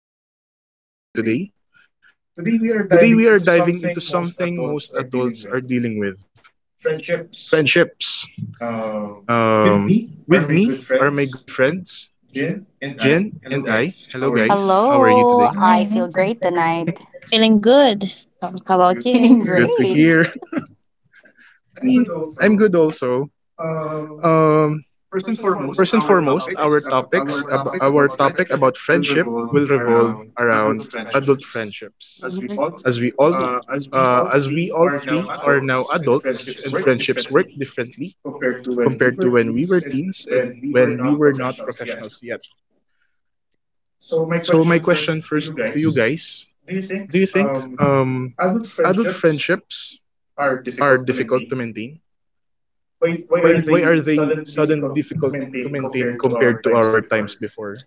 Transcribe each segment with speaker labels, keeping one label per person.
Speaker 1: Jet. I'm your host for today. Today, we are diving into something most adults are dealing with: friendships. Um, with me are my good friends, Jin and I. Hello, guys. How are you
Speaker 2: Hello,
Speaker 1: today?
Speaker 2: I feel great tonight.
Speaker 3: Feeling good. How about
Speaker 2: Feeling
Speaker 1: It's
Speaker 3: you?
Speaker 1: good to
Speaker 2: great.
Speaker 1: hear. Me, I'm good also. Um, first and foremost, our topic about friendship will revolve around adult friendships.
Speaker 2: Mhm.
Speaker 1: as we all as we all three are now adults, and friendships work differently compared to when we were teens and when we were not professionals yet. So my question first to you guys, do you think adult friendships are difficult to maintain? Why are they suddenly difficult to maintain compared to our times before?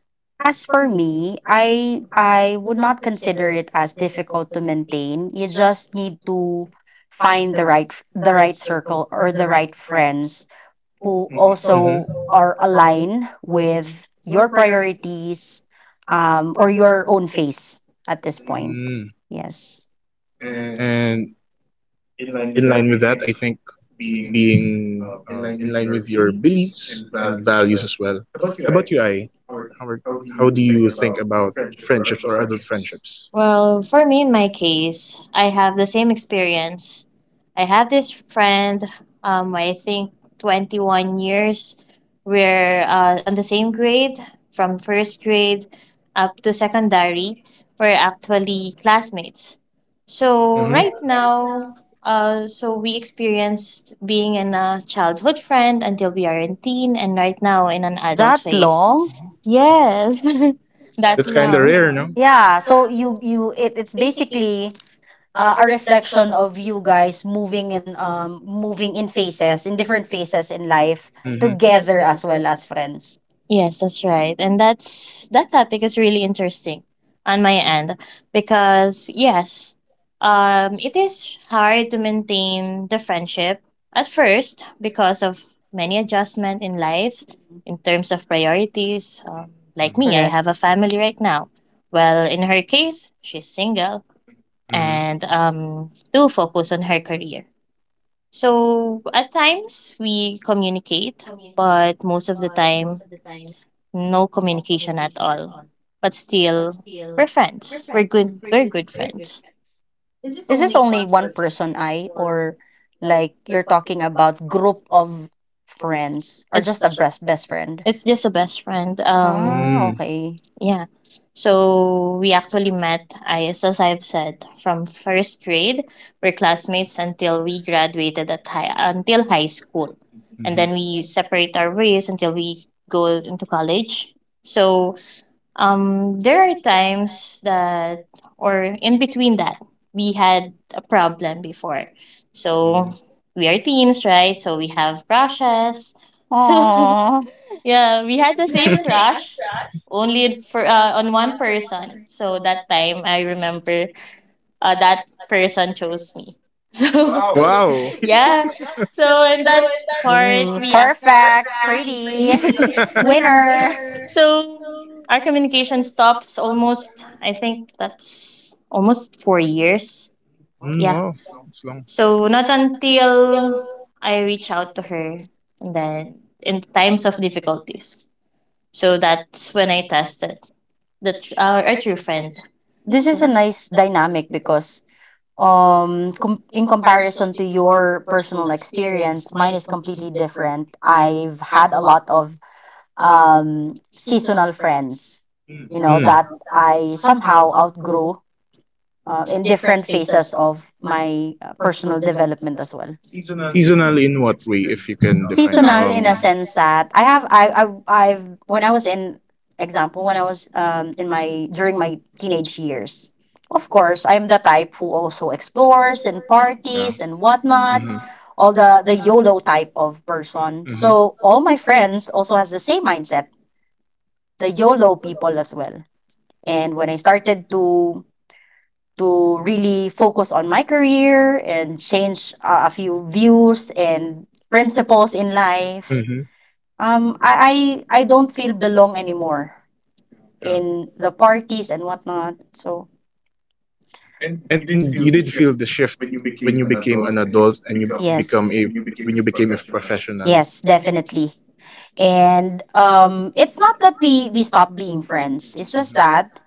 Speaker 2: As for me, I would not consider it as difficult to maintain. You just need to find the right circle or the right friends who also
Speaker 1: Mm-hmm.
Speaker 2: are aligned with your priorities or your own face at this point.
Speaker 1: Mm.
Speaker 2: Yes.
Speaker 1: And in line with that, I think being in line with your beliefs and values as well. How about you, I? How are, how do you think about friendships or adult friendships?
Speaker 3: Well, for me, in my case, I have the same experience. I have this friend, I think 21 years. We're on the same grade from first grade up to secondary. We're actually classmates. So,
Speaker 1: Mm-hmm.
Speaker 3: right now, so we experienced being in a childhood friend until we are in teen, and right now in an adult
Speaker 2: That
Speaker 3: phase.
Speaker 2: long?
Speaker 3: Yes, that
Speaker 1: That's kind of
Speaker 3: long.
Speaker 1: rare, no?
Speaker 2: Yeah. So it's basically a reflection of you guys moving in phases in different phases in life
Speaker 1: Mm-hmm.
Speaker 2: together as well as friends.
Speaker 3: Yes, that's right. And that topic is really interesting on my end because yes, it is hard to maintain the friendship at first because of many adjustment in life in terms of priorities.
Speaker 1: Mm-hmm.
Speaker 3: Like me, I have
Speaker 2: Correct.
Speaker 3: a family right now. Well, in her case, she's single
Speaker 1: Mm-hmm.
Speaker 3: and to focus on her career. So at times we communicate, but most of the time no communication at all. But still, we're friends. We're good. We're good friends.
Speaker 2: Is this only one person I, or like you're talking about group of friends or
Speaker 3: It's
Speaker 2: just a best friend?
Speaker 3: it's just a best friend.
Speaker 2: Ah,
Speaker 1: Mm-hmm.
Speaker 2: okay.
Speaker 3: Yeah. So we actually met, I as I've said, from first grade. We're classmates until we graduated at high until high school, and
Speaker 1: Mm-hmm.
Speaker 3: then we separate our ways until we go into college. So there are times that, or in between that, we had a problem before. So
Speaker 1: Mm-hmm.
Speaker 3: we are teens, right? So we have crushes. So
Speaker 2: Aww.
Speaker 3: yeah, we had the same crush, only for on one person. So that time I remember, that person chose me. So
Speaker 1: Wow.
Speaker 3: yeah, so in that part
Speaker 2: Mm,
Speaker 3: we
Speaker 2: perfect. Pretty. Winner.
Speaker 3: So our communication stops almost, I think that's almost 4 years.
Speaker 1: Mm,
Speaker 3: Yeah.
Speaker 1: wow. It's long.
Speaker 3: So not until I reach out to her and then in times of difficulties. So that's when I tested our true friend. This
Speaker 2: This
Speaker 3: is So-
Speaker 2: is
Speaker 3: a
Speaker 2: a
Speaker 3: nice
Speaker 2: nice dynamic
Speaker 3: dynamic because
Speaker 2: because in comparison to your personal experience, mine is completely different. I've had a lot of seasonal friends, you know,
Speaker 1: Mm.
Speaker 2: that I somehow outgrew in different phases of my personal development as well.
Speaker 1: Seasonal in what way, if you can define?
Speaker 2: Seasonal in
Speaker 1: Um,
Speaker 2: a sense that I have I I've when I was in example when I was in my during my teenage years. Of course, I'm the type who also explores and
Speaker 1: yeah.
Speaker 2: parties and whatnot,
Speaker 1: Mm-hmm.
Speaker 2: all the YOLO type of person.
Speaker 1: Hmm,
Speaker 2: So all my friends also has the same mindset, the YOLO people as well. And when I started to really focus on my career and change a few views and principles in life
Speaker 1: hmm.
Speaker 2: I don't feel belong anymore
Speaker 1: Yeah.
Speaker 2: in the parties and whatnot. So
Speaker 1: And you did feel the shift when you became an adult and you become
Speaker 2: yes,
Speaker 1: a when you became a professional.
Speaker 2: yes, definitely. And it's not that we stop being friends. It's just
Speaker 1: Hmm.
Speaker 2: that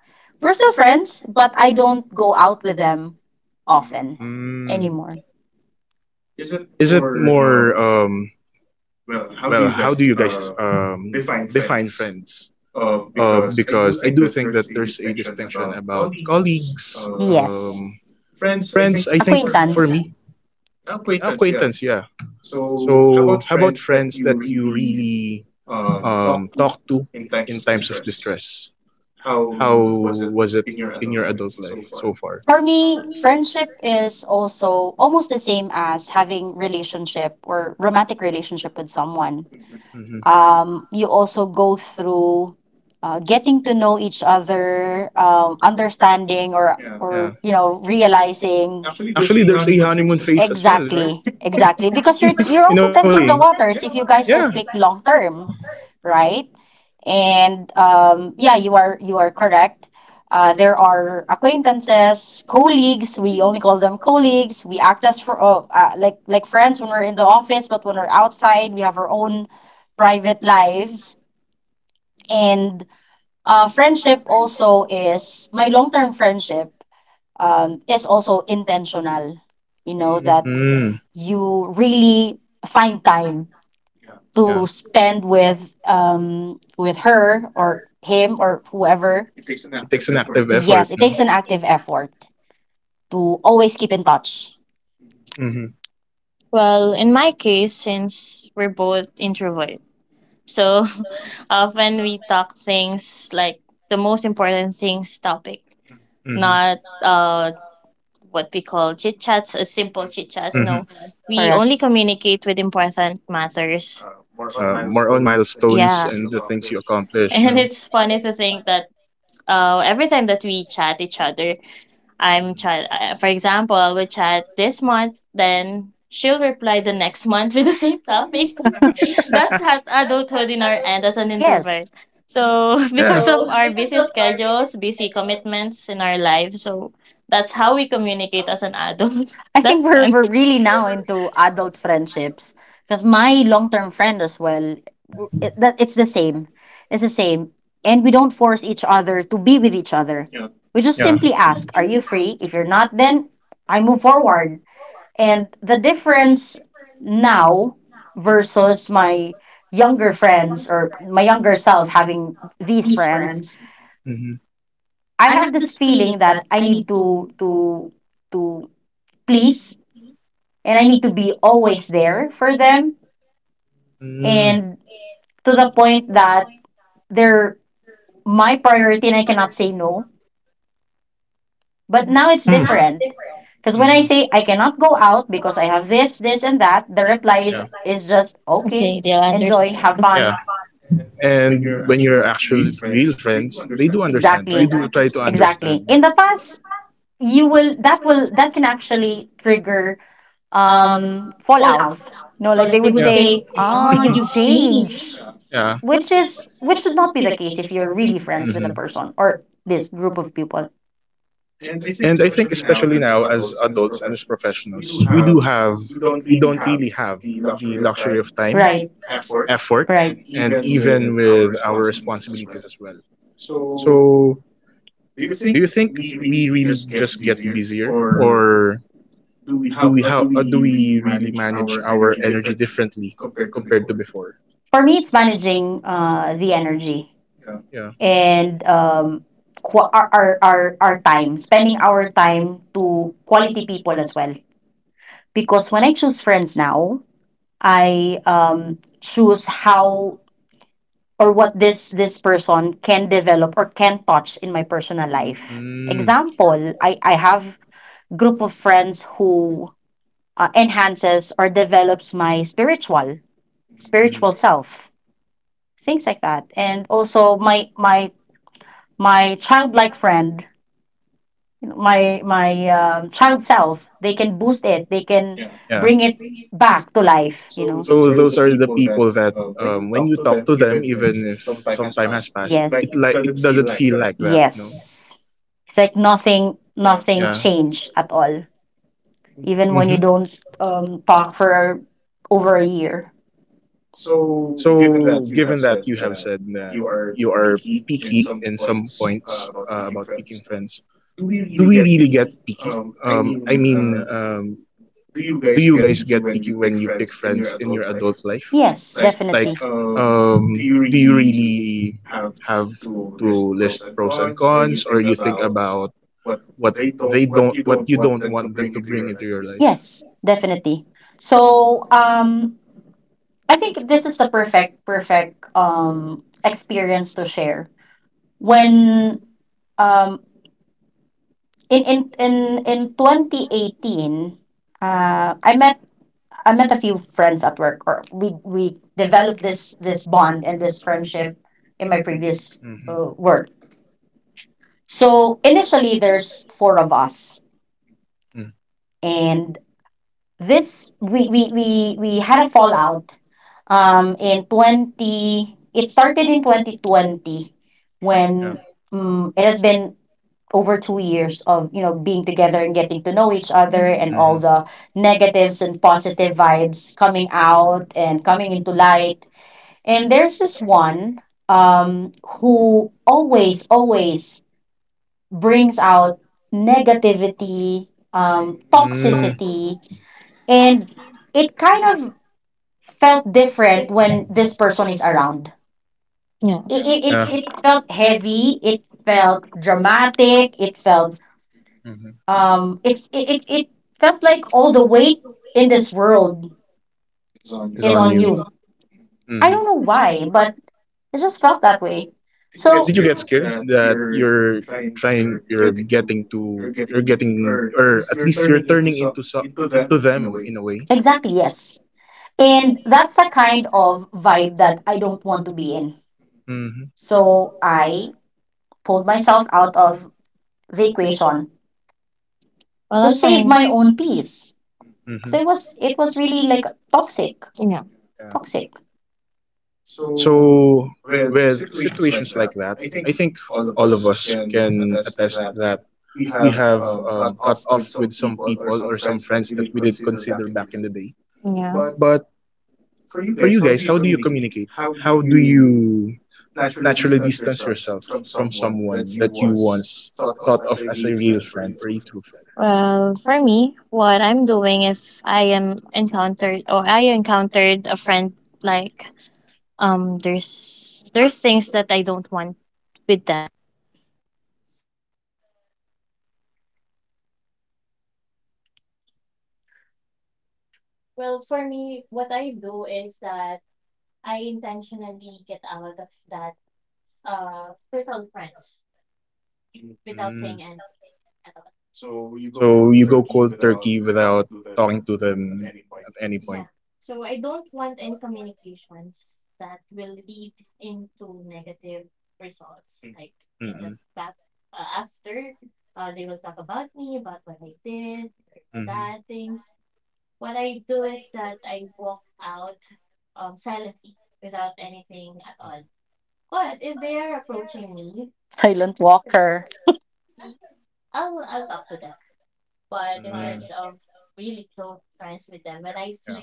Speaker 2: we're still friends, but I don't go out with them often
Speaker 1: Mm.
Speaker 2: anymore.
Speaker 1: Is it more well, how do you guys define friends? Because I do think that there's a distinction about colleagues,
Speaker 2: Yes,
Speaker 1: friends, I think for
Speaker 2: acquaintance.
Speaker 1: me, acquaintance, yeah. So, how about friends that you really talk to in times of distress? How was it in your adult life so far?
Speaker 2: For me, friendship is also almost the same as having relationship or romantic relationship with someone.
Speaker 1: Hmm.
Speaker 2: You also go through getting to know each other, understanding or
Speaker 1: Yeah.
Speaker 2: you know realizing.
Speaker 1: Actually, there's a honeymoon phase as well, right?
Speaker 2: Exactly,
Speaker 1: Exactly.
Speaker 2: exactly. Because you're
Speaker 1: Exactly.
Speaker 2: you're
Speaker 1: In
Speaker 2: also
Speaker 1: a way.
Speaker 2: testing the waters if you guys
Speaker 1: Yeah.
Speaker 2: will click long term, right? And yeah, you are correct. There are acquaintances, colleagues. We only call them colleagues. We act as for like friends when we're in the office, but when we're outside, we have our own private lives. And friendship also is my long term friendship is also intentional. You know that
Speaker 1: Mm,
Speaker 2: you really find time
Speaker 1: yeah.
Speaker 2: to spend with her or him or whoever.
Speaker 1: It takes an active effort,
Speaker 2: Yes,
Speaker 1: no?
Speaker 2: it takes
Speaker 1: Yes,
Speaker 2: an
Speaker 1: it takes an
Speaker 2: active effort to always keep in touch.
Speaker 1: active effort.
Speaker 3: well, in my case, since we're both introvert, so often we talk things like the most important things topic,
Speaker 1: Mm-hmm. Mm-hmm.
Speaker 3: not what we call chit chats, as simple chit chats.
Speaker 1: Mm-hmm.
Speaker 3: No, we
Speaker 2: Correct.
Speaker 3: only communicate with important matters.
Speaker 1: More on milestones
Speaker 3: Yeah.
Speaker 1: and the things you accomplish, no?
Speaker 3: And it's funny to think that every time that we chat each other, I'm
Speaker 1: Hmm.
Speaker 3: chat. For example, I will chat this month, then she'll reply the next month with the same topic. That's at adulthood in our end as an
Speaker 2: Yes,
Speaker 3: introvert. So
Speaker 1: Yeah. So,
Speaker 3: because of
Speaker 1: because
Speaker 3: our
Speaker 1: of
Speaker 3: busy
Speaker 1: our busy
Speaker 3: schedules,
Speaker 1: schedule.
Speaker 3: busy commitments in our lives, so that's how we communicate as an adult.
Speaker 2: I think
Speaker 3: That's
Speaker 2: we're
Speaker 3: fun.
Speaker 2: we're really now
Speaker 3: fun.
Speaker 2: into adult friendships because my long term friend as well, w- it, that it's the same, and we don't force each other to be with each other. We
Speaker 1: Yeah.
Speaker 2: just simply ask, "Are you free?" If you're not, then I move forward. And the difference now versus my younger friends or my younger self having these friends,
Speaker 1: Mm-hmm.
Speaker 2: I have this feeling that I need to please, and I need to be always there for them,
Speaker 1: Mm.
Speaker 2: and to the point that they're my priority and I cannot say no. But now
Speaker 1: but
Speaker 2: it's
Speaker 1: Mm. now it's
Speaker 2: different.
Speaker 1: different.
Speaker 2: Because when
Speaker 1: Mm-hmm.
Speaker 2: I say I cannot go out because I have this, this, and that, the reply
Speaker 1: Yeah. Like,
Speaker 2: is just okay.
Speaker 3: Okay, they'll
Speaker 2: Enjoy, have
Speaker 1: yeah.
Speaker 3: understand.
Speaker 2: fun.
Speaker 1: And when you're actual
Speaker 2: Real
Speaker 1: real
Speaker 2: friends, they
Speaker 1: friends,
Speaker 2: do
Speaker 1: they do
Speaker 2: understand.
Speaker 1: understand. You
Speaker 2: Exactly.
Speaker 1: do try to understand.
Speaker 2: Exactly. In the past, you will that can actually trigger fallouts. You know, like they would
Speaker 1: Yeah.
Speaker 2: say, "Ah, you've changed,"
Speaker 1: Yeah.
Speaker 2: which is which should not be the case if you're really friends
Speaker 1: Hmm.
Speaker 2: with a person or this group of people.
Speaker 1: And I think especially now as adults and as professionals, we don't really have the luxury of time,
Speaker 2: Right,
Speaker 1: effort,
Speaker 2: right.
Speaker 1: and even with our responsibilities as well. So, do you think we really just get busier, or do we really manage our energy differently compared to before?
Speaker 2: For me, it's managing the energy
Speaker 1: Yeah.
Speaker 2: and qu- our time, spending our time to quality people as well, because when I choose friends now, I choose how or what this person can develop or can touch in my personal life.
Speaker 1: Mm,
Speaker 2: Example, I have group of friends who enhances or develops my
Speaker 1: mm,
Speaker 2: spiritual self, things like that. And also my childlike friend, my child self, they can boost it, they can
Speaker 1: yeah.
Speaker 2: bring it back to life, you know.
Speaker 1: So those are the people that when you talk to them, even if some time has passed,
Speaker 2: Yes,
Speaker 1: it like it doesn't feel like that. No.
Speaker 2: yes, it's like nothing
Speaker 1: Yeah.
Speaker 2: changed at all, even when you
Speaker 1: Mm-hmm.
Speaker 2: don't talk for over a year.
Speaker 1: So given that you have said that you are picky in some points about picking friends, do we really get picky? I mean, do you guys get picky when you pick friends in your adult life?
Speaker 2: Yes. Right,
Speaker 1: Like,
Speaker 2: definitely.
Speaker 1: do you really have to list pros and cons, or you think about what what you don't want them to bring into your life?
Speaker 2: Yes, definitely. So I think this is the perfect experience to share. When um in in in in 2018, I met a few friends at work, or we developed this bond and this friendship in my previous
Speaker 1: Mm-hmm.
Speaker 2: work. So initially there's four of us,
Speaker 1: Mm,
Speaker 2: and this we had a fallout um in 20 it started in 2020
Speaker 1: yeah.
Speaker 2: when it has been over 2 years of, you know, being together and getting to know each other, and all
Speaker 1: Mm-hmm.
Speaker 2: the negatives and positive vibes coming out and coming into light. And there's this one um who always brings out negativity,
Speaker 1: Mm,
Speaker 2: toxicity, and it kind of felt different when this person is around.
Speaker 3: Yeah.
Speaker 2: it it, it,
Speaker 1: yeah.
Speaker 2: it felt heavy, it felt dramatic, it felt
Speaker 1: Mm-hmm.
Speaker 2: it felt like all the weight in this world
Speaker 1: Is
Speaker 2: is
Speaker 1: on
Speaker 2: on
Speaker 1: you.
Speaker 2: you. I don't know why, but it just felt that way. So
Speaker 1: Did you get scared that you're trying, you're getting to, you're getting, or at least you're turning into them in a way?
Speaker 2: exactly, yes, and that's the kind of vibe that I don't want to be in.
Speaker 1: Mm-hmm.
Speaker 2: So I pulled myself out of the equation
Speaker 3: Well,
Speaker 2: to save
Speaker 3: on
Speaker 2: my
Speaker 3: mine,
Speaker 2: own peace. 'Cause
Speaker 1: Mm-hmm.
Speaker 2: it was really like toxic,
Speaker 3: yeah,
Speaker 1: Yeah.
Speaker 2: toxic.
Speaker 1: So with situations like that, I think all of us can attest that we have cut off with some people or some friends that we did consider back in the day.
Speaker 3: yeah.
Speaker 1: But for you guys, how do you communicate? How do you naturally distance yourself from someone that you once thought of as a real friend or a true
Speaker 3: Well, for me, what I'm doing if I am encountered or I encountered a friend like there's things that I don't want with them.
Speaker 1: friend? Mm. So you go cold turkey without talking to them at any point. Mm-mm. Mhm.
Speaker 2: Silent walker.
Speaker 1: Mhm. Mm. Yeah.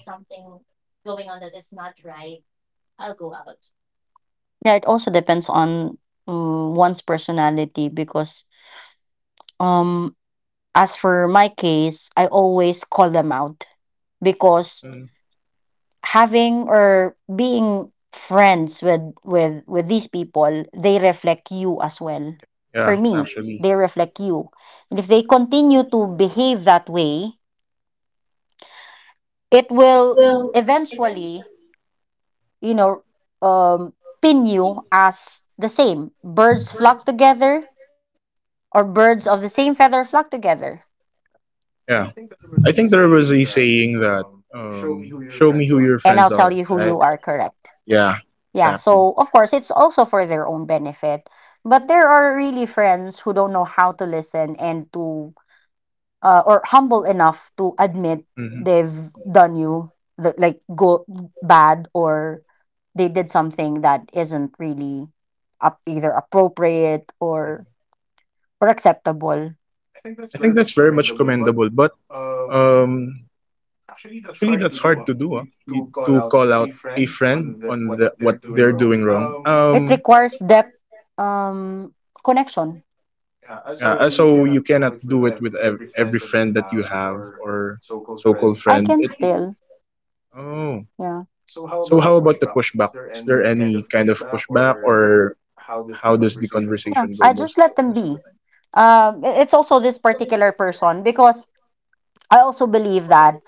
Speaker 2: Yeah, it also depends on one's personality because um as for my case, I always call them out because
Speaker 1: Mm.
Speaker 2: having or being friends with these people, they reflect you as well. For
Speaker 1: Yeah,
Speaker 2: me,
Speaker 1: actually.
Speaker 2: they reflect you. And if they continue to behave that way, it will eventually, you know, um, pin you as the same. Birds flock together, or birds of the same feather flock together.
Speaker 1: Yeah. I think there was a saying that show me who your friends
Speaker 2: And I'll
Speaker 1: are,
Speaker 2: tell you
Speaker 1: right?
Speaker 2: who you are. Correct.
Speaker 1: Yeah,
Speaker 2: Yeah,
Speaker 1: exactly.
Speaker 2: so of course, it's also for their own benefit. But there are really friends who don't know how to listen and to, or humble enough to admit
Speaker 1: Mhm.
Speaker 2: they've done you the, like go bad, or they did something that isn't really up, either appropriate or acceptable.
Speaker 1: I think that's very much commendable, but um, actually, that's hard to do. Huh? To call out a friend what they're doing wrong.
Speaker 2: It requires depth, um, connection.
Speaker 1: Yeah, so you cannot do it with every friend that you have, or so-called
Speaker 2: I
Speaker 1: friend.
Speaker 2: can
Speaker 1: It, it,
Speaker 2: still,
Speaker 1: oh,
Speaker 2: yeah,
Speaker 1: so how about the pushback? Is there any kind of pushback, or how does the
Speaker 2: yeah.
Speaker 1: conversation go
Speaker 2: I
Speaker 1: most
Speaker 2: just let them
Speaker 1: most of the
Speaker 2: be.
Speaker 1: time?
Speaker 2: It's also this particular person because I also believe that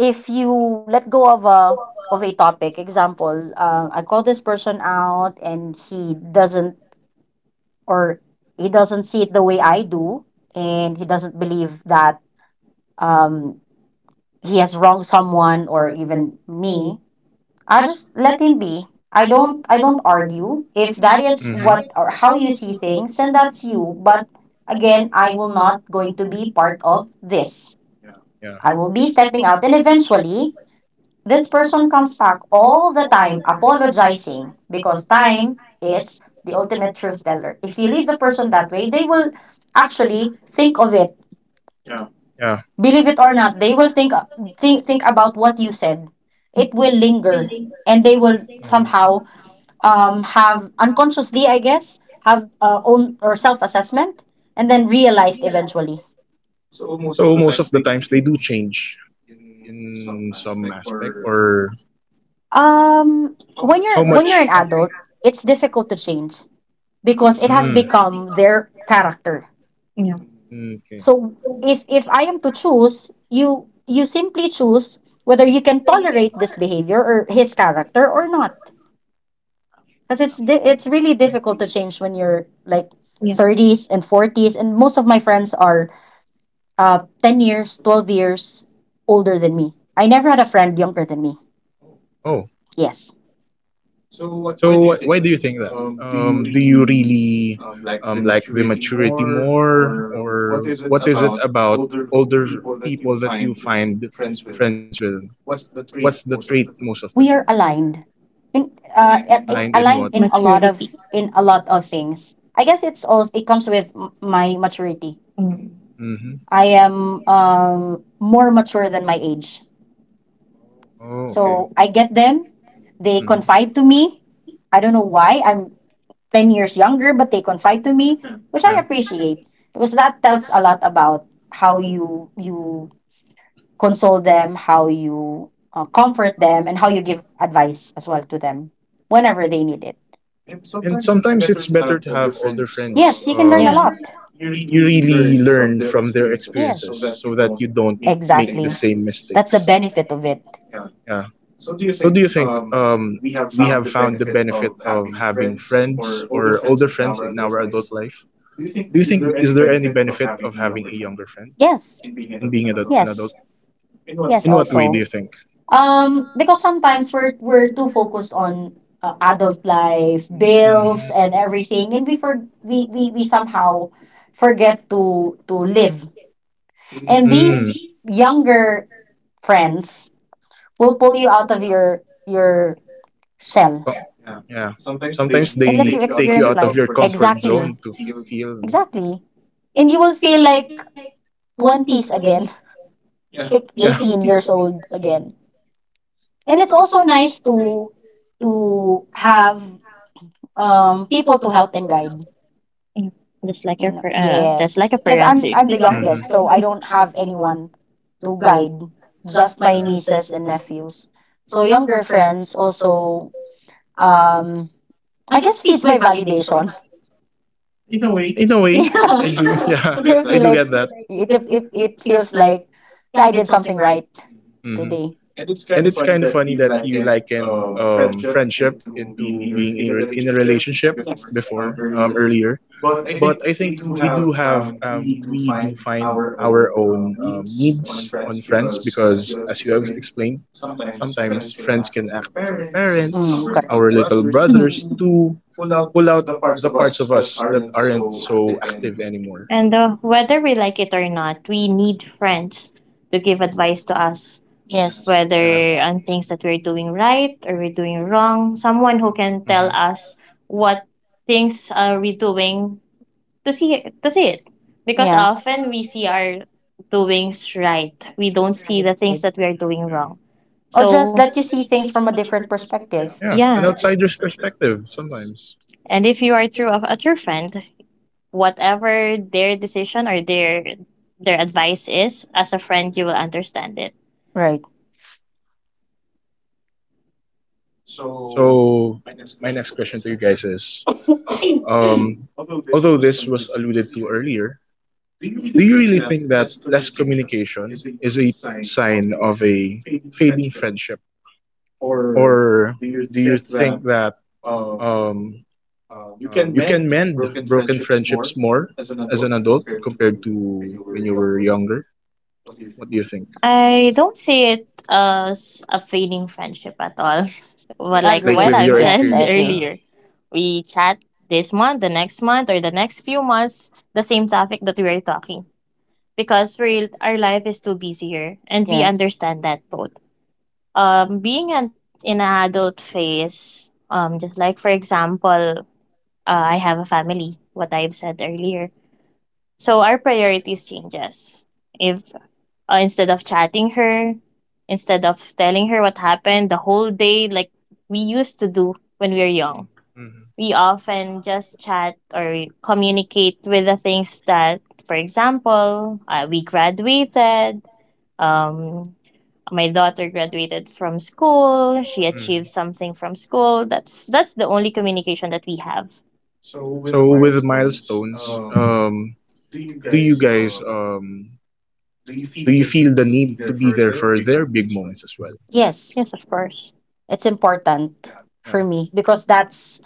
Speaker 2: if you let go of a topic, example, I call this person out and he doesn't, or he doesn't see it the way I do, and he doesn't believe that um he has wronged someone or even me. I just let him be. I don't argue. If that is
Speaker 1: Mm-hmm.
Speaker 2: what or how you see things, then that's you. But again, I will not going to be part of this.
Speaker 1: Yeah.
Speaker 2: I will be stepping out, and eventually this person comes back all the time apologizing, because time is the ultimate truth teller. If you leave the person that way, they will actually think of it.
Speaker 1: Yeah.
Speaker 2: Believe it or not, they will think about what you said. It will linger and they will
Speaker 1: Mhm.
Speaker 2: somehow have unconsciously, I guess, have own or self assessment, and then realized eventually.
Speaker 1: So most of the times they do change in some aspect, or
Speaker 2: When
Speaker 1: how
Speaker 2: you're an
Speaker 1: much? much?
Speaker 2: adult, it's difficult to change because it has
Speaker 1: Because Mm,
Speaker 2: become their character.
Speaker 3: You know,
Speaker 1: okay.
Speaker 2: So if I am to choose, you simply choose whether you can tolerate this behavior or his character or not. Because
Speaker 1: Actually.
Speaker 2: it's really difficult to change when you're like
Speaker 3: yeah.
Speaker 2: 30s and 40s, and most of my friends are 10 years, 12 years older than me. I never had a friend younger than me.
Speaker 1: Oh,
Speaker 2: Yes.
Speaker 1: so why do you think that? Do you really like the maturity more, or what is it about older people that you find friends with? What's the trait most of the
Speaker 2: We
Speaker 1: time?
Speaker 2: are
Speaker 1: Aligned in what?
Speaker 2: aligned in a lot
Speaker 3: Maturity.
Speaker 2: of things. I guess it's also it comes with my maturity.
Speaker 3: Mm.
Speaker 1: Mm-hmm.
Speaker 2: I am more mature than my age.
Speaker 1: Oh, okay.
Speaker 2: So I get them. They
Speaker 1: Mhm.
Speaker 2: confide to me. I don't know why. I'm 10 years younger, but they confide to me, which I
Speaker 1: Yeah.
Speaker 2: appreciate because that tells a lot about how you console them, how you, comfort them, and how you give advice as well to them whenever they need it.
Speaker 1: And sometimes it's better to have older friends.
Speaker 2: Yes, you can
Speaker 3: Yeah.
Speaker 2: learn a
Speaker 1: Um,
Speaker 3: Yeah. Lot.
Speaker 2: lot.
Speaker 1: you really learn from their
Speaker 2: Yes,
Speaker 1: experiences so that you don't make the
Speaker 2: exactly.
Speaker 1: same
Speaker 2: That's the
Speaker 1: mistakes.
Speaker 2: benefit of it.
Speaker 1: Yeah. So, do you think we have found the benefit of having friends or older friends in our adult life? Do you think is there any benefit of having a younger friend
Speaker 2: Yes,
Speaker 1: in being
Speaker 2: ad-
Speaker 1: an adult?
Speaker 2: yes, yes.
Speaker 1: In what way do
Speaker 2: Also,
Speaker 1: you think?
Speaker 2: because sometimes we're too focused on adult life,
Speaker 1: Mm.
Speaker 2: bills, and everything, and we somehow forget to live. And
Speaker 1: Mm.
Speaker 2: these younger friends will pull you out of your shell.
Speaker 1: So- Yeah.
Speaker 2: Sometimes
Speaker 1: Sometimes
Speaker 2: they and let
Speaker 1: they
Speaker 2: you they-
Speaker 1: take you
Speaker 2: experience
Speaker 1: out of
Speaker 2: life.
Speaker 1: your comfort
Speaker 2: Exactly.
Speaker 1: zone to feel.
Speaker 2: Exactly. And you will feel like 20s again, yeah, like
Speaker 1: Yeah.
Speaker 2: 18 years old again. And it's also nice to have people to help and guide.
Speaker 3: That's like your
Speaker 2: You know,
Speaker 3: that's like
Speaker 2: yes,
Speaker 3: a
Speaker 2: because
Speaker 3: parent I'm,
Speaker 2: I'm the
Speaker 1: Mhm.
Speaker 3: too.
Speaker 2: youngest, so I don't have anyone to guide, just
Speaker 1: Yeah.
Speaker 2: my nieces and nephews. So younger friends also, um, I guess feeds my validation.
Speaker 1: In a way, I do. Yeah,
Speaker 2: Yeah, so I
Speaker 1: I do
Speaker 2: feel
Speaker 1: get
Speaker 2: like
Speaker 1: that.
Speaker 2: it feels like, yeah, I did something right
Speaker 1: Hmm.
Speaker 2: today.
Speaker 1: And it's kind of funny that you likened friendship into being in a relationship
Speaker 2: Yes.
Speaker 1: before, earlier. But I think we do find our own needs on friends because, as you have explained, sometimes
Speaker 2: Mm,
Speaker 1: friends can act as our parents,
Speaker 2: correct.
Speaker 1: our little
Speaker 2: Mm.
Speaker 1: brothers, to pull out the parts of us that aren't so active anymore.
Speaker 3: And whether we like it or not, we need friends to give advice to us,
Speaker 2: Yes.
Speaker 1: Yeah.
Speaker 2: Whether—
Speaker 3: whether on things that we're doing right or we're doing wrong. Someone who can
Speaker 1: Hmm.
Speaker 3: tell us what things are we doing to see it
Speaker 2: because
Speaker 3: because
Speaker 2: yeah.
Speaker 3: often
Speaker 2: often
Speaker 3: we
Speaker 2: we
Speaker 3: see
Speaker 2: see our
Speaker 3: our doings right, we don't see
Speaker 2: right,
Speaker 3: the things
Speaker 2: right.
Speaker 3: that we are doing
Speaker 1: Yeah.
Speaker 3: wrong.
Speaker 2: Or
Speaker 3: So
Speaker 2: just let you see things from a different perspective.
Speaker 1: Yeah.
Speaker 3: yeah,
Speaker 1: An outsider's perspective sometimes.
Speaker 3: and if you are true of a true friend, whatever their decision or their advice is as a friend, you will understand it.
Speaker 1: So my next question to you guys is, um although this was alluded to earlier, do you really think that less communication is a sign of a fading friendship? Or do you think that um, you can mend broken friendships more as an adult compared to when you were younger? What do you think?
Speaker 3: I don't see it as a fading friendship at all. But like
Speaker 1: Like
Speaker 3: what
Speaker 2: Agree.
Speaker 1: with
Speaker 3: I've
Speaker 1: your
Speaker 3: said
Speaker 2: Yes, I
Speaker 1: experience? Yeah.
Speaker 2: agree.
Speaker 3: earlier, we chat this month, the next month, or the next few months, the same topic that we are talking because we our life is too busy here, and we
Speaker 2: Yes.
Speaker 3: understand that both. Being an in an adult phase, just like for example, I have a family. What I've said earlier, so our priorities changes. If instead of chatting her, instead of telling her what happened the whole day like we used to do when we were young,
Speaker 1: Mhm.
Speaker 3: we often just chat or communicate with the things that, for example, we graduated. Um, my daughter graduated from school. She
Speaker 1: Mhm.
Speaker 3: achieved something from school. That's the only communication that we have.
Speaker 1: So with milestones, do you guys um, do you feel the need to be there for their big moments as well?
Speaker 3: Yes,
Speaker 2: Yes.
Speaker 3: Yes, of course.
Speaker 2: It's important
Speaker 1: Yeah.
Speaker 2: for me because that's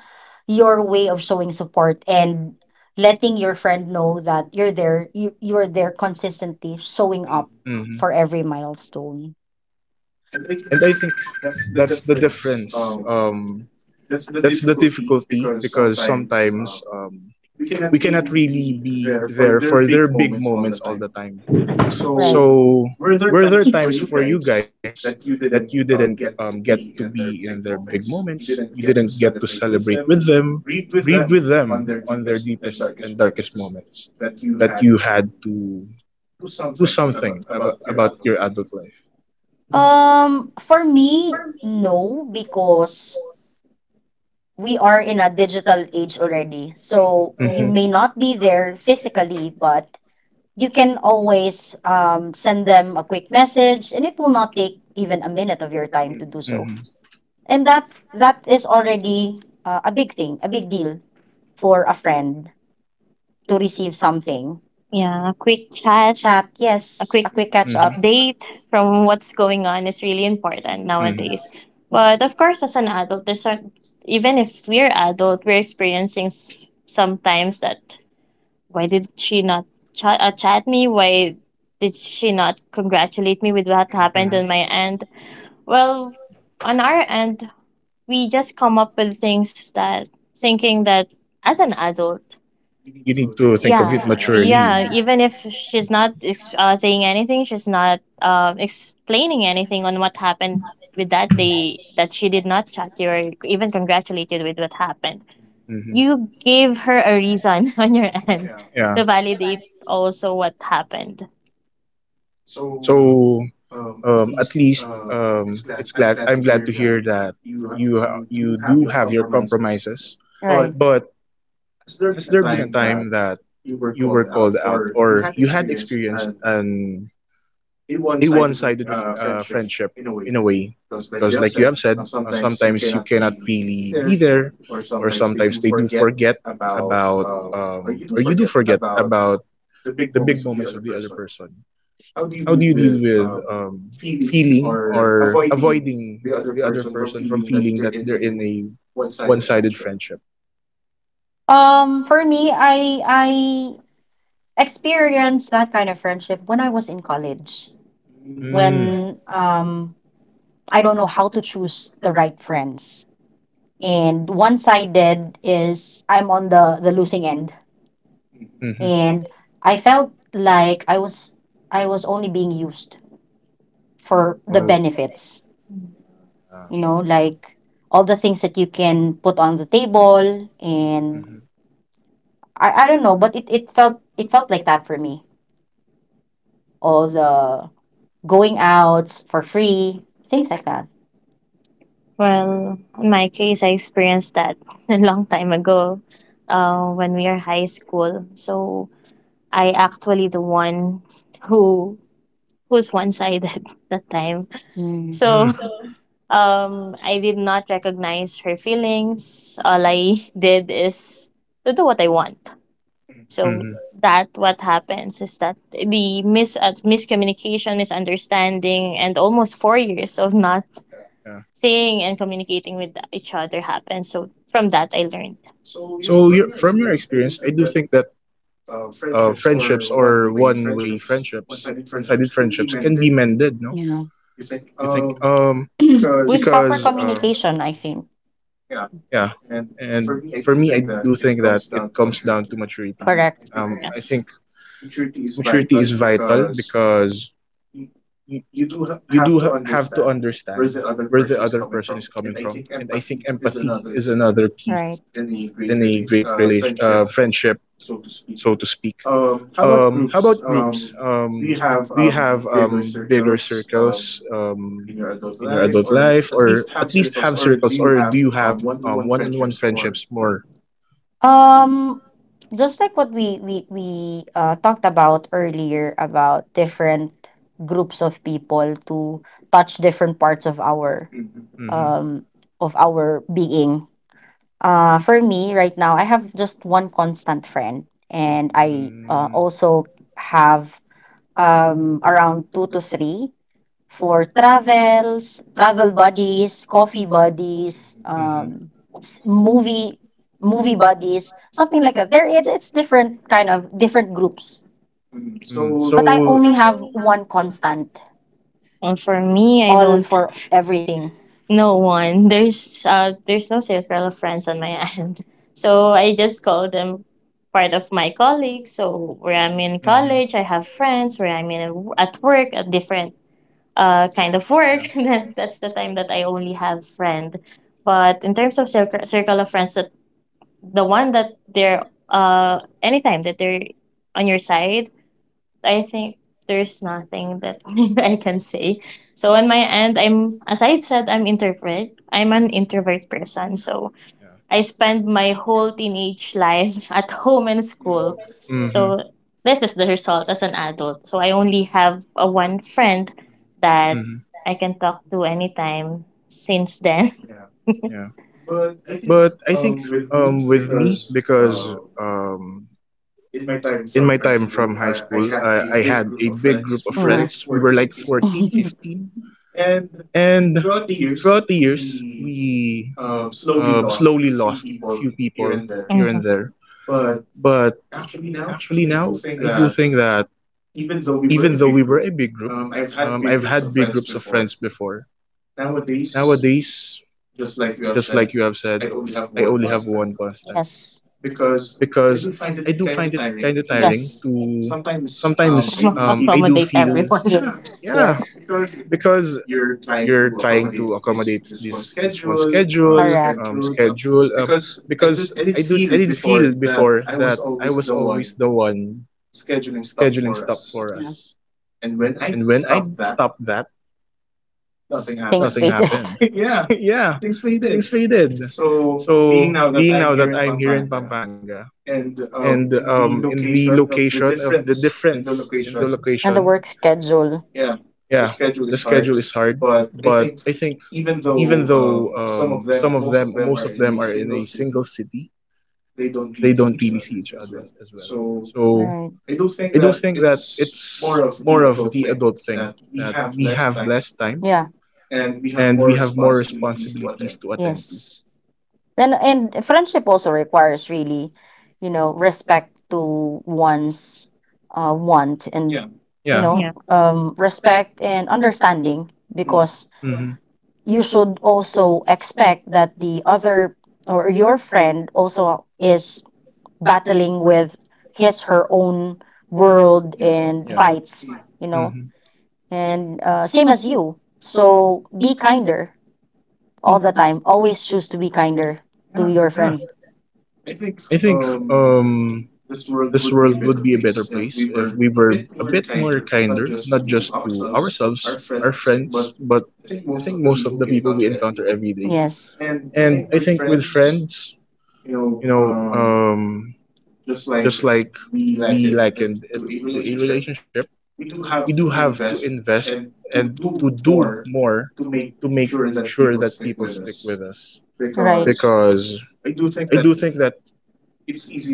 Speaker 2: your way of showing support and letting your friend know that you're there, you're there consistently showing up
Speaker 1: Hmm.
Speaker 2: for every milestone.
Speaker 1: And I think that's the difference. That's the difficulty because sometimes we cannot really be there for their big moments all the time.
Speaker 2: So right.
Speaker 1: So, were there times for you guys that you didn't get to be in their big moments? You didn't get to celebrate with them, grieve with them on their deepest and darkest moments that you had to do something about your adult life.
Speaker 2: For me, no, because we are in a digital age already. So you
Speaker 1: Mm-hmm.
Speaker 2: may not be there physically, but you can always send them a quick message, and it will not take even a minute of your time to do so,
Speaker 1: Mm-hmm.
Speaker 2: and that is already a big thing, a big deal for a friend to receive something,
Speaker 3: Yeah, a quick chat,
Speaker 2: chat. Yes,
Speaker 3: a quick
Speaker 2: a quick catch
Speaker 1: Mm-hmm.
Speaker 2: up, you
Speaker 3: update from what's going on is really important
Speaker 1: Mm-hmm.
Speaker 3: nowadays. But of course,
Speaker 2: know.
Speaker 3: as an adult, there's a, even if we're adult, we're experiencing sometimes that why did she not chat, chat me? Why did she not congratulate me with what happened
Speaker 1: Mm-hmm.
Speaker 3: on my end? Well, on our end, we just come up with things that thinking that as an adult,
Speaker 1: You need to think
Speaker 3: yeah,
Speaker 1: of it
Speaker 3: yeah,
Speaker 1: maturely.
Speaker 3: even if she's not saying anything, she's not explaining anything on what happened with that day that she did not chat you or even congratulated with what happened,
Speaker 1: Mm-hmm.
Speaker 3: you gave her a reason on your end
Speaker 1: Yeah.
Speaker 3: to validate also what happened.
Speaker 1: So, at least it's glad I'm glad to hear that you do have your compromises.
Speaker 2: Right.
Speaker 1: But has there been a time that you were called out, or you had experienced an a one-sided friendship in a way, because like you have said, sometimes you cannot really be there, or sometimes they do forget about, or you do forget about the big moments of the other person? How do you deal with, feeling or avoiding the other person from feeling that they're in a one-sided friendship?
Speaker 2: For me, I experienced that kind of friendship when I was in college,
Speaker 1: Mm.
Speaker 2: when I don't know how to choose the right friends, and one sided is I'm on the losing end.
Speaker 1: Hmm.
Speaker 2: And I felt like I was only being used for the
Speaker 1: Oh.
Speaker 2: benefits,
Speaker 1: uh,
Speaker 2: you know,
Speaker 1: actually.
Speaker 2: like all the things that you can put on the table. And
Speaker 1: Mhm.
Speaker 2: I don't know, but it felt, it felt like that for me, all the going outs for free, things like that.
Speaker 3: Well in my case I experienced that a long time ago, when we are high school. So I actually the one who was one-sided that time.
Speaker 2: Mm.
Speaker 3: So
Speaker 1: Mm.
Speaker 3: I did not recognize her feelings. All I did is to do what I want. So
Speaker 1: Mhm.
Speaker 3: that what happens is that the miscommunication, misunderstanding, and almost 4 years of not
Speaker 1: Yeah.
Speaker 3: seeing and communicating with each other happened. So from that, I learned.
Speaker 1: So, from your experience, I do think that friendships or one-way friendships, one-sided friendships can be mended, no?
Speaker 2: Yeah,
Speaker 1: You think?
Speaker 2: with proper
Speaker 1: Because
Speaker 2: communication, I think.
Speaker 1: Yeah, and for me, I do think that it comes down to maturity.
Speaker 2: Correct.
Speaker 1: I
Speaker 3: Yes.
Speaker 1: think maturity is vital because you, you do have to understand where the other person is coming from, and I think empathy is another key
Speaker 2: Right.
Speaker 1: in a great friendship, so to speak. How about groups? Do you have bigger circles in your adult life, or at least have circles, or do you have one-on-one friendships more?
Speaker 2: um just like what we talked about earlier about different groups of people to touch different parts
Speaker 1: Mm-hmm.
Speaker 2: um of our being. For me right now I have just one constant friend, and I
Speaker 1: Mm-hmm.
Speaker 2: also have around 2 to 3 for travels, travel buddies, coffee buddies,
Speaker 1: Mm-hmm.
Speaker 2: s- movie movie buddies, something like that. There, it's different kind of different groups. So,
Speaker 1: Mm-hmm.
Speaker 2: but I only
Speaker 1: So.
Speaker 2: have one constant.
Speaker 3: Well, for me, I
Speaker 2: All
Speaker 3: don't.
Speaker 2: for everything.
Speaker 3: No one. There's no circle of friends on my end. So I just call them part of my colleagues. So where I'm in
Speaker 1: Mm-hmm.
Speaker 3: college, I have friends. Where I'm in at work, a different kind of work.
Speaker 1: Yeah.
Speaker 3: Then that's the time that I only have friend. But in terms of circle of friends, that the one that they're anytime that they're on your side, I think there's nothing that I can say. So on my end, I'm as I've said, I'm introvert. I'm an introvert person. So
Speaker 1: Yeah.
Speaker 3: I spend my whole teenage life at home and school.
Speaker 1: Mm-hmm.
Speaker 3: So this is the result as an adult. So I only have a one friend that
Speaker 1: Mm-hmm.
Speaker 3: I can talk to anytime since then.
Speaker 1: Yeah. But I think, with me, because in my time from high school, I had a big
Speaker 2: For
Speaker 1: group of
Speaker 2: know.
Speaker 1: friends. We were like
Speaker 2: 14
Speaker 1: 14,
Speaker 2: 15.
Speaker 1: 15, and throughout the years, we slowly lost a few people here and
Speaker 3: Mhm.
Speaker 1: there. But actually, now I do think that even though we were a big group, I've had big groups of friends before. Nowadays, just like you have said, I only have one constant.
Speaker 2: Yes.
Speaker 1: Because I do find it kind of tiring
Speaker 2: Yes.
Speaker 1: to sometimes I do
Speaker 3: Accommodate
Speaker 1: feel
Speaker 3: everyone.
Speaker 2: Yes.
Speaker 1: yeah
Speaker 2: Yes.
Speaker 1: because you're trying to accommodate this one schedule
Speaker 2: Correct.
Speaker 1: because I did feel before that I was always the one scheduling stuff for
Speaker 2: Yeah.
Speaker 1: us. And when I stopped that,
Speaker 2: Things
Speaker 1: nothing
Speaker 2: faded.
Speaker 1: happened. Yeah, things faded. So being now that I'm here in Pampanga and in the location of the difference in the
Speaker 2: And the
Speaker 1: location
Speaker 2: work schedule.
Speaker 1: Yeah, the schedule is hard. But I think even though some of them, most of them, are in a single city, they don't really see each other as well. So
Speaker 2: Right.
Speaker 1: I do think that it's more of the adult thing that we have less time
Speaker 2: Yeah.
Speaker 1: and we have more responsibilities to attend to.
Speaker 2: Yes. And friendship also requires really, you know, respect to one's want, and yeah,
Speaker 1: Yeah.
Speaker 2: you know, respect and understanding, because
Speaker 1: Hmm.
Speaker 2: you should also expect that the other or your friend also is battling with his, her own world
Speaker 3: Yeah.
Speaker 2: and
Speaker 1: Yeah.
Speaker 2: fights, you know.
Speaker 1: Hmm.
Speaker 2: And same as you, so be kinder all the time, always choose to be kinder to your
Speaker 1: Yeah.
Speaker 2: friend.
Speaker 1: I think um This world would be a better place if we were a bit more kinder, not just to ourselves, our friends, but I think most of the people we encounter every day.
Speaker 2: Yes.
Speaker 1: And I think with friends, you know, um, just like we likened it to a relationship, we do have to invest and to do more to make sure that people stick with us.
Speaker 2: Right.
Speaker 1: Because I do think that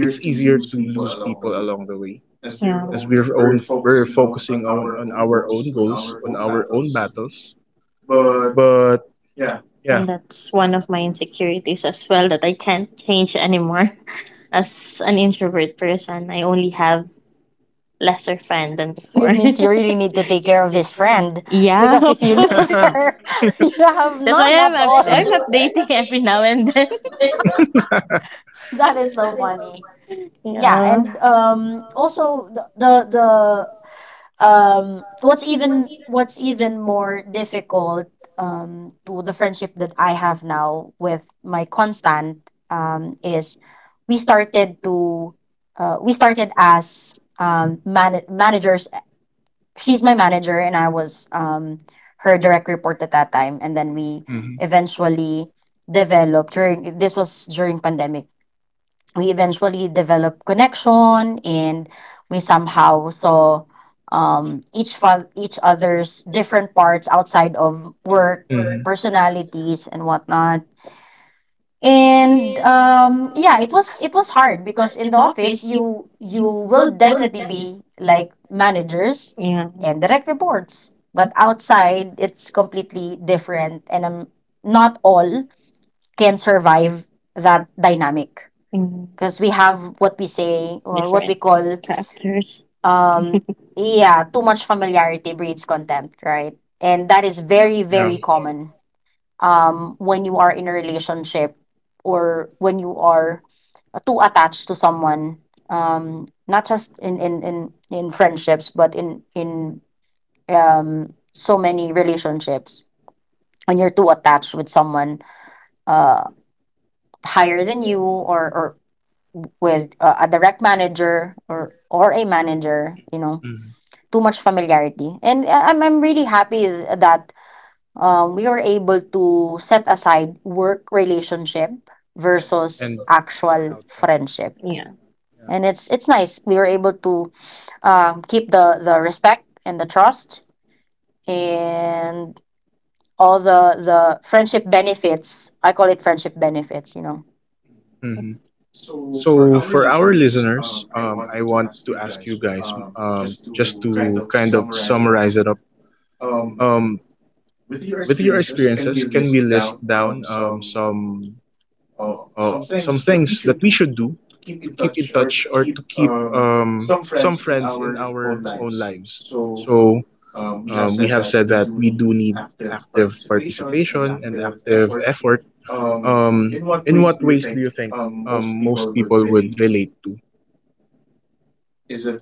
Speaker 1: it's easier to lose people along the way
Speaker 3: Pretty. Yeah. Cool.
Speaker 1: as we're focusing on our own goals, on our own battles. But yeah.
Speaker 3: And that's one of my insecurities as well that I can't change anymore. As an introvert person, I only have lesser friend than you,
Speaker 2: It
Speaker 3: before.
Speaker 2: means you really need to take care of this friend,
Speaker 3: Yeah,
Speaker 2: because
Speaker 3: of
Speaker 2: if you
Speaker 3: course.
Speaker 2: lose her, you have
Speaker 3: That's why
Speaker 2: none at
Speaker 3: I'm
Speaker 2: all.
Speaker 3: I'm
Speaker 1: Yeah.
Speaker 3: updating every now and then.
Speaker 2: That is so funny. Yeah.
Speaker 3: Yeah.
Speaker 2: And
Speaker 3: Yeah.
Speaker 2: also the what's even, what's even more difficult to the friendship that I have now with my constant is we started to we started as managers, eh, she's my manager and I was her direct report at that time. And then we
Speaker 1: Mhm.
Speaker 2: eventually developed, during— this was during pandemic, we eventually developed connection, and we somehow saw each other's different parts outside of work,
Speaker 1: Mhm.
Speaker 2: personalities and whatnot. And yeah, it was hard because in the office you, you will definitely be like managers
Speaker 3: Yeah.
Speaker 2: and direct reports, but outside it's completely different. And not all can survive that dynamic
Speaker 3: Mm.
Speaker 2: because we have what we
Speaker 3: Different.
Speaker 2: say or what we
Speaker 3: Different
Speaker 2: call
Speaker 3: call Chapters.
Speaker 2: um yeah, too much familiarity breeds contempt, right? And that is very,
Speaker 1: Yeah.
Speaker 2: very common when you are in a relationship, or when you are too attached to someone, not just in friendships, but in so many relationships. When you're too attached with someone, uh higher than you, or with a direct manager, or a manager, you know,
Speaker 1: Mhm.
Speaker 2: too much familiarity. And I'm really happy that we were able to set aside work relationship versus
Speaker 1: And
Speaker 2: actual
Speaker 1: outside.
Speaker 2: friendship.
Speaker 3: Yeah.
Speaker 1: Yeah.
Speaker 2: And it's nice we were able to keep the respect and the trust and all the friendship benefits. I call it friendship benefits, you know.
Speaker 1: Mhm. So for our listeners, I want to ask you guys just to kind of summarize it up. Um, with your experiences, can we list down some things that we should do to keep in touch or to keep some friends in our own lives? So we have said that we do need active participation and active effort. In what ways do you think most people would relate to?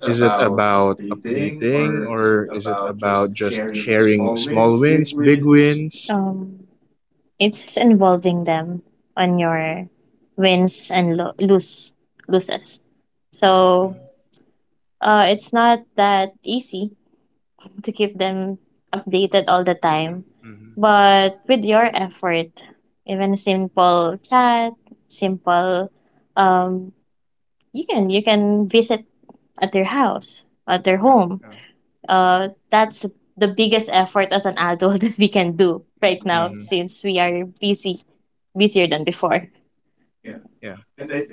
Speaker 1: Is it about updating or is it about just sharing small wins, big wins?
Speaker 3: Um, it's involving them on your wins and loses. So it's not that easy to keep them updated all the time,
Speaker 1: Mm-hmm.
Speaker 3: but with your effort, even a simple chat, simple, um, you can visit at their house, at their home.
Speaker 1: Mm-hmm. Yeah.
Speaker 3: That's the biggest effort as an adult that we can do right now
Speaker 1: Hmm.
Speaker 3: since we are busy busier than before.
Speaker 1: Yeah.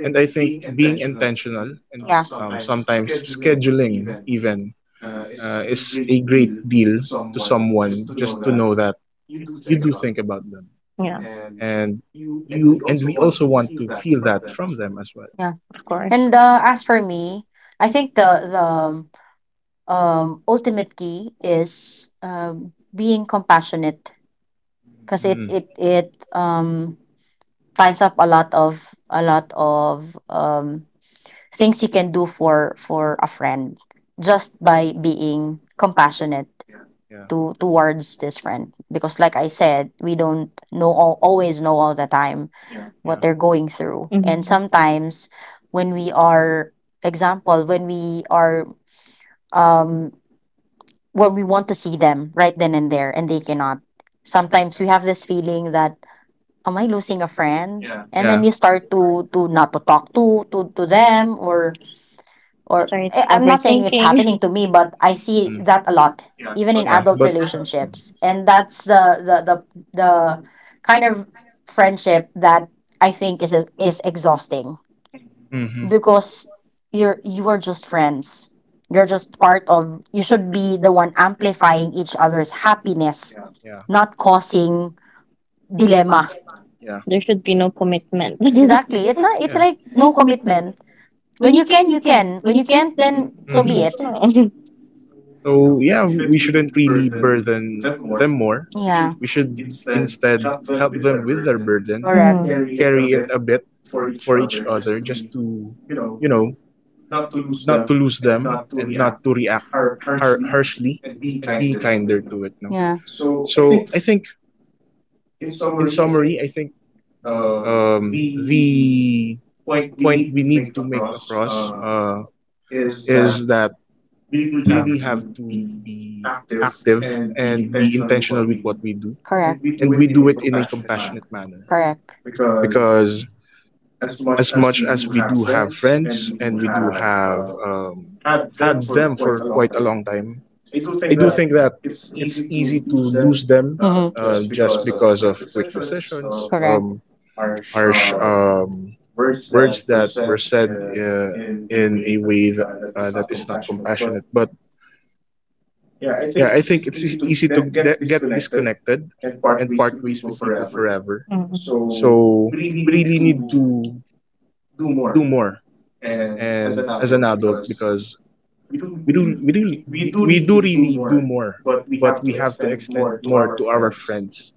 Speaker 1: And I think being intentional and
Speaker 2: Yeah.
Speaker 1: sometimes scheduling even is a great deal to someone just to know that you do think about them.
Speaker 3: Yeah,
Speaker 1: And you, and we also want to feel that from them as well.
Speaker 3: of course.
Speaker 2: And as for me, I think the ultimate key is being compassionate, because it
Speaker 1: Mm,
Speaker 2: it it um, ties up a lot of things you can do for a friend, just by being compassionate
Speaker 1: yeah,
Speaker 2: to, towards this friend. Because like I said, we don't know all, always know all the time what
Speaker 1: yeah,
Speaker 2: they're going through.
Speaker 3: Mhm.
Speaker 2: And sometimes when we are— example, when we are um where we want to see them right then and there, and they cannot, sometimes
Speaker 1: yeah,
Speaker 2: we have this feeling that am I losing a friend, and then
Speaker 1: yeah,
Speaker 2: you start to not to talk to them. Or
Speaker 3: Start
Speaker 2: eh, I'm not saying it's happening to me, but I see
Speaker 1: mm,
Speaker 2: that a lot, even in
Speaker 1: yeah. But
Speaker 2: adult relationships. And that's the kind of friendship that I think is exhausting,
Speaker 1: hmm,
Speaker 2: because you're, you are just friends. You're just part of— you should be the one amplifying each other's happiness,
Speaker 1: yeah,
Speaker 2: not causing dilemma.
Speaker 1: yeah,
Speaker 3: There should be no commitment.
Speaker 2: Exactly. It's a— it's
Speaker 1: yeah.
Speaker 2: like no commitment. When you can, you can. When you can't, then so be
Speaker 1: Hmm.
Speaker 2: it.
Speaker 3: No.
Speaker 1: So yeah, we shouldn't really burden them more.
Speaker 2: Yeah.
Speaker 1: We should instead help them with their burden,
Speaker 2: Correct.
Speaker 3: Mhm.
Speaker 1: carry it a bit for each other, just to, you know, not to lose them and not to react harshly, and be kinder to it. No.
Speaker 2: Yeah.
Speaker 1: So I think, in summary, I think the point we need to make across is that we really have to be active and be intentional with what we do,
Speaker 2: Correct.
Speaker 1: and we do it in a compassionate manner
Speaker 2: Correct.
Speaker 1: because as much as we do have friends and we do have had them for quite a long time, I do think that it's easy to lose them
Speaker 2: Mm-hmm.
Speaker 1: just because of quick decisions,
Speaker 2: Correct.
Speaker 1: harsh words that were said in a way that, that is not compassionate. But yeah, I think it's easy to get disconnected and part ways with people forever.
Speaker 3: Mhm.
Speaker 1: So we really need to do more, and as an adult, because we do we do we do really do more, but we have to extend more to our friends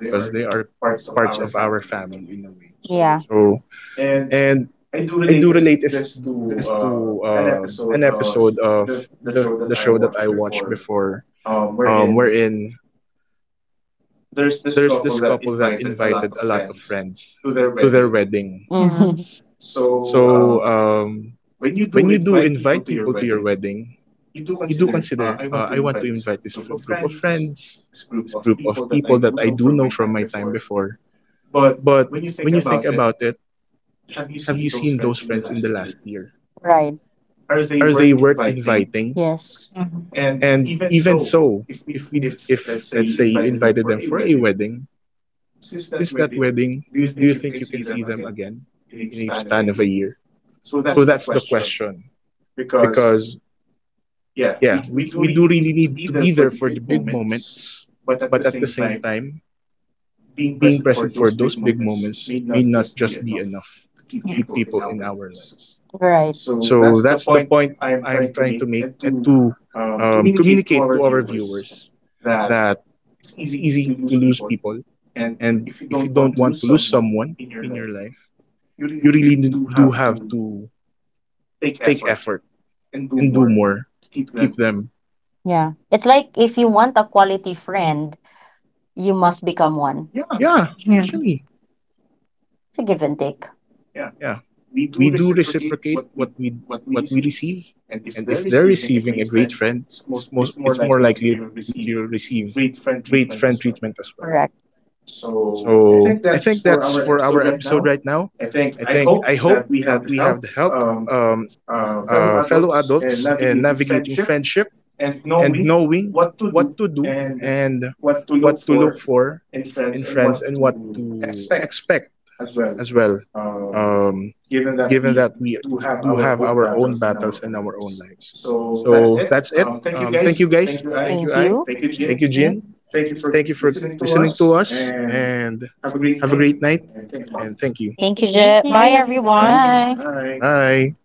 Speaker 1: because they are parts of our family in a way.
Speaker 2: Yeah.
Speaker 1: So and I do relate is this to an episode of the show that I watched before, wherein there's this couple that invited a lot of friends to their wedding.
Speaker 2: Mm-hmm.
Speaker 1: So when you do invite people to your wedding, you do consider, I want to invite this group of friends, this group of people that I do know from my time before. But when you think about it, have you seen those friends in the last year?
Speaker 2: Right.
Speaker 1: Are they worth inviting?
Speaker 2: Yes.
Speaker 1: And even so, if we, if let's say you invited them for a wedding, since that wedding, do you think you can see them again in a span of a year? So that's the question. Because yeah, we do really need to be there for the big moments, but at the same time, being present for those big moments may not just be enough to keep people in our lives.
Speaker 2: Right.
Speaker 1: So that's the point I'm trying to make and to communicate to our viewers that it's easy to lose people. And if you don't want to lose someone in your life, you really do have to take effort and do more to keep them.
Speaker 2: Yeah. It's like if you want a quality friend, you must become one.
Speaker 1: Yeah,
Speaker 3: Yeah.
Speaker 1: actually,
Speaker 2: It's a give and take.
Speaker 1: yeah. We do reciprocate what we, what we receive, and if they're receiving a great friend, it's most, it's more likely that you'll receive great friend treatment as well.
Speaker 2: Correct.
Speaker 1: So I think that's for our episode right now. I think I hope that we have the help um, fellow adults in navigating friendship and knowing what to do and what to look for in friends and what to expect as well, um, given that we do have our own battles and our own lives. So that's it. Thank you guys. Thank you.
Speaker 2: Thank
Speaker 1: I
Speaker 2: you.
Speaker 1: Thank you,
Speaker 3: Yeah.
Speaker 1: Jin. Thank you for listening to us and have a great night. And thank you.
Speaker 2: Thank you, Je. Bye,
Speaker 1: Thank
Speaker 2: everyone.
Speaker 1: you.
Speaker 3: Bye.
Speaker 1: Bye.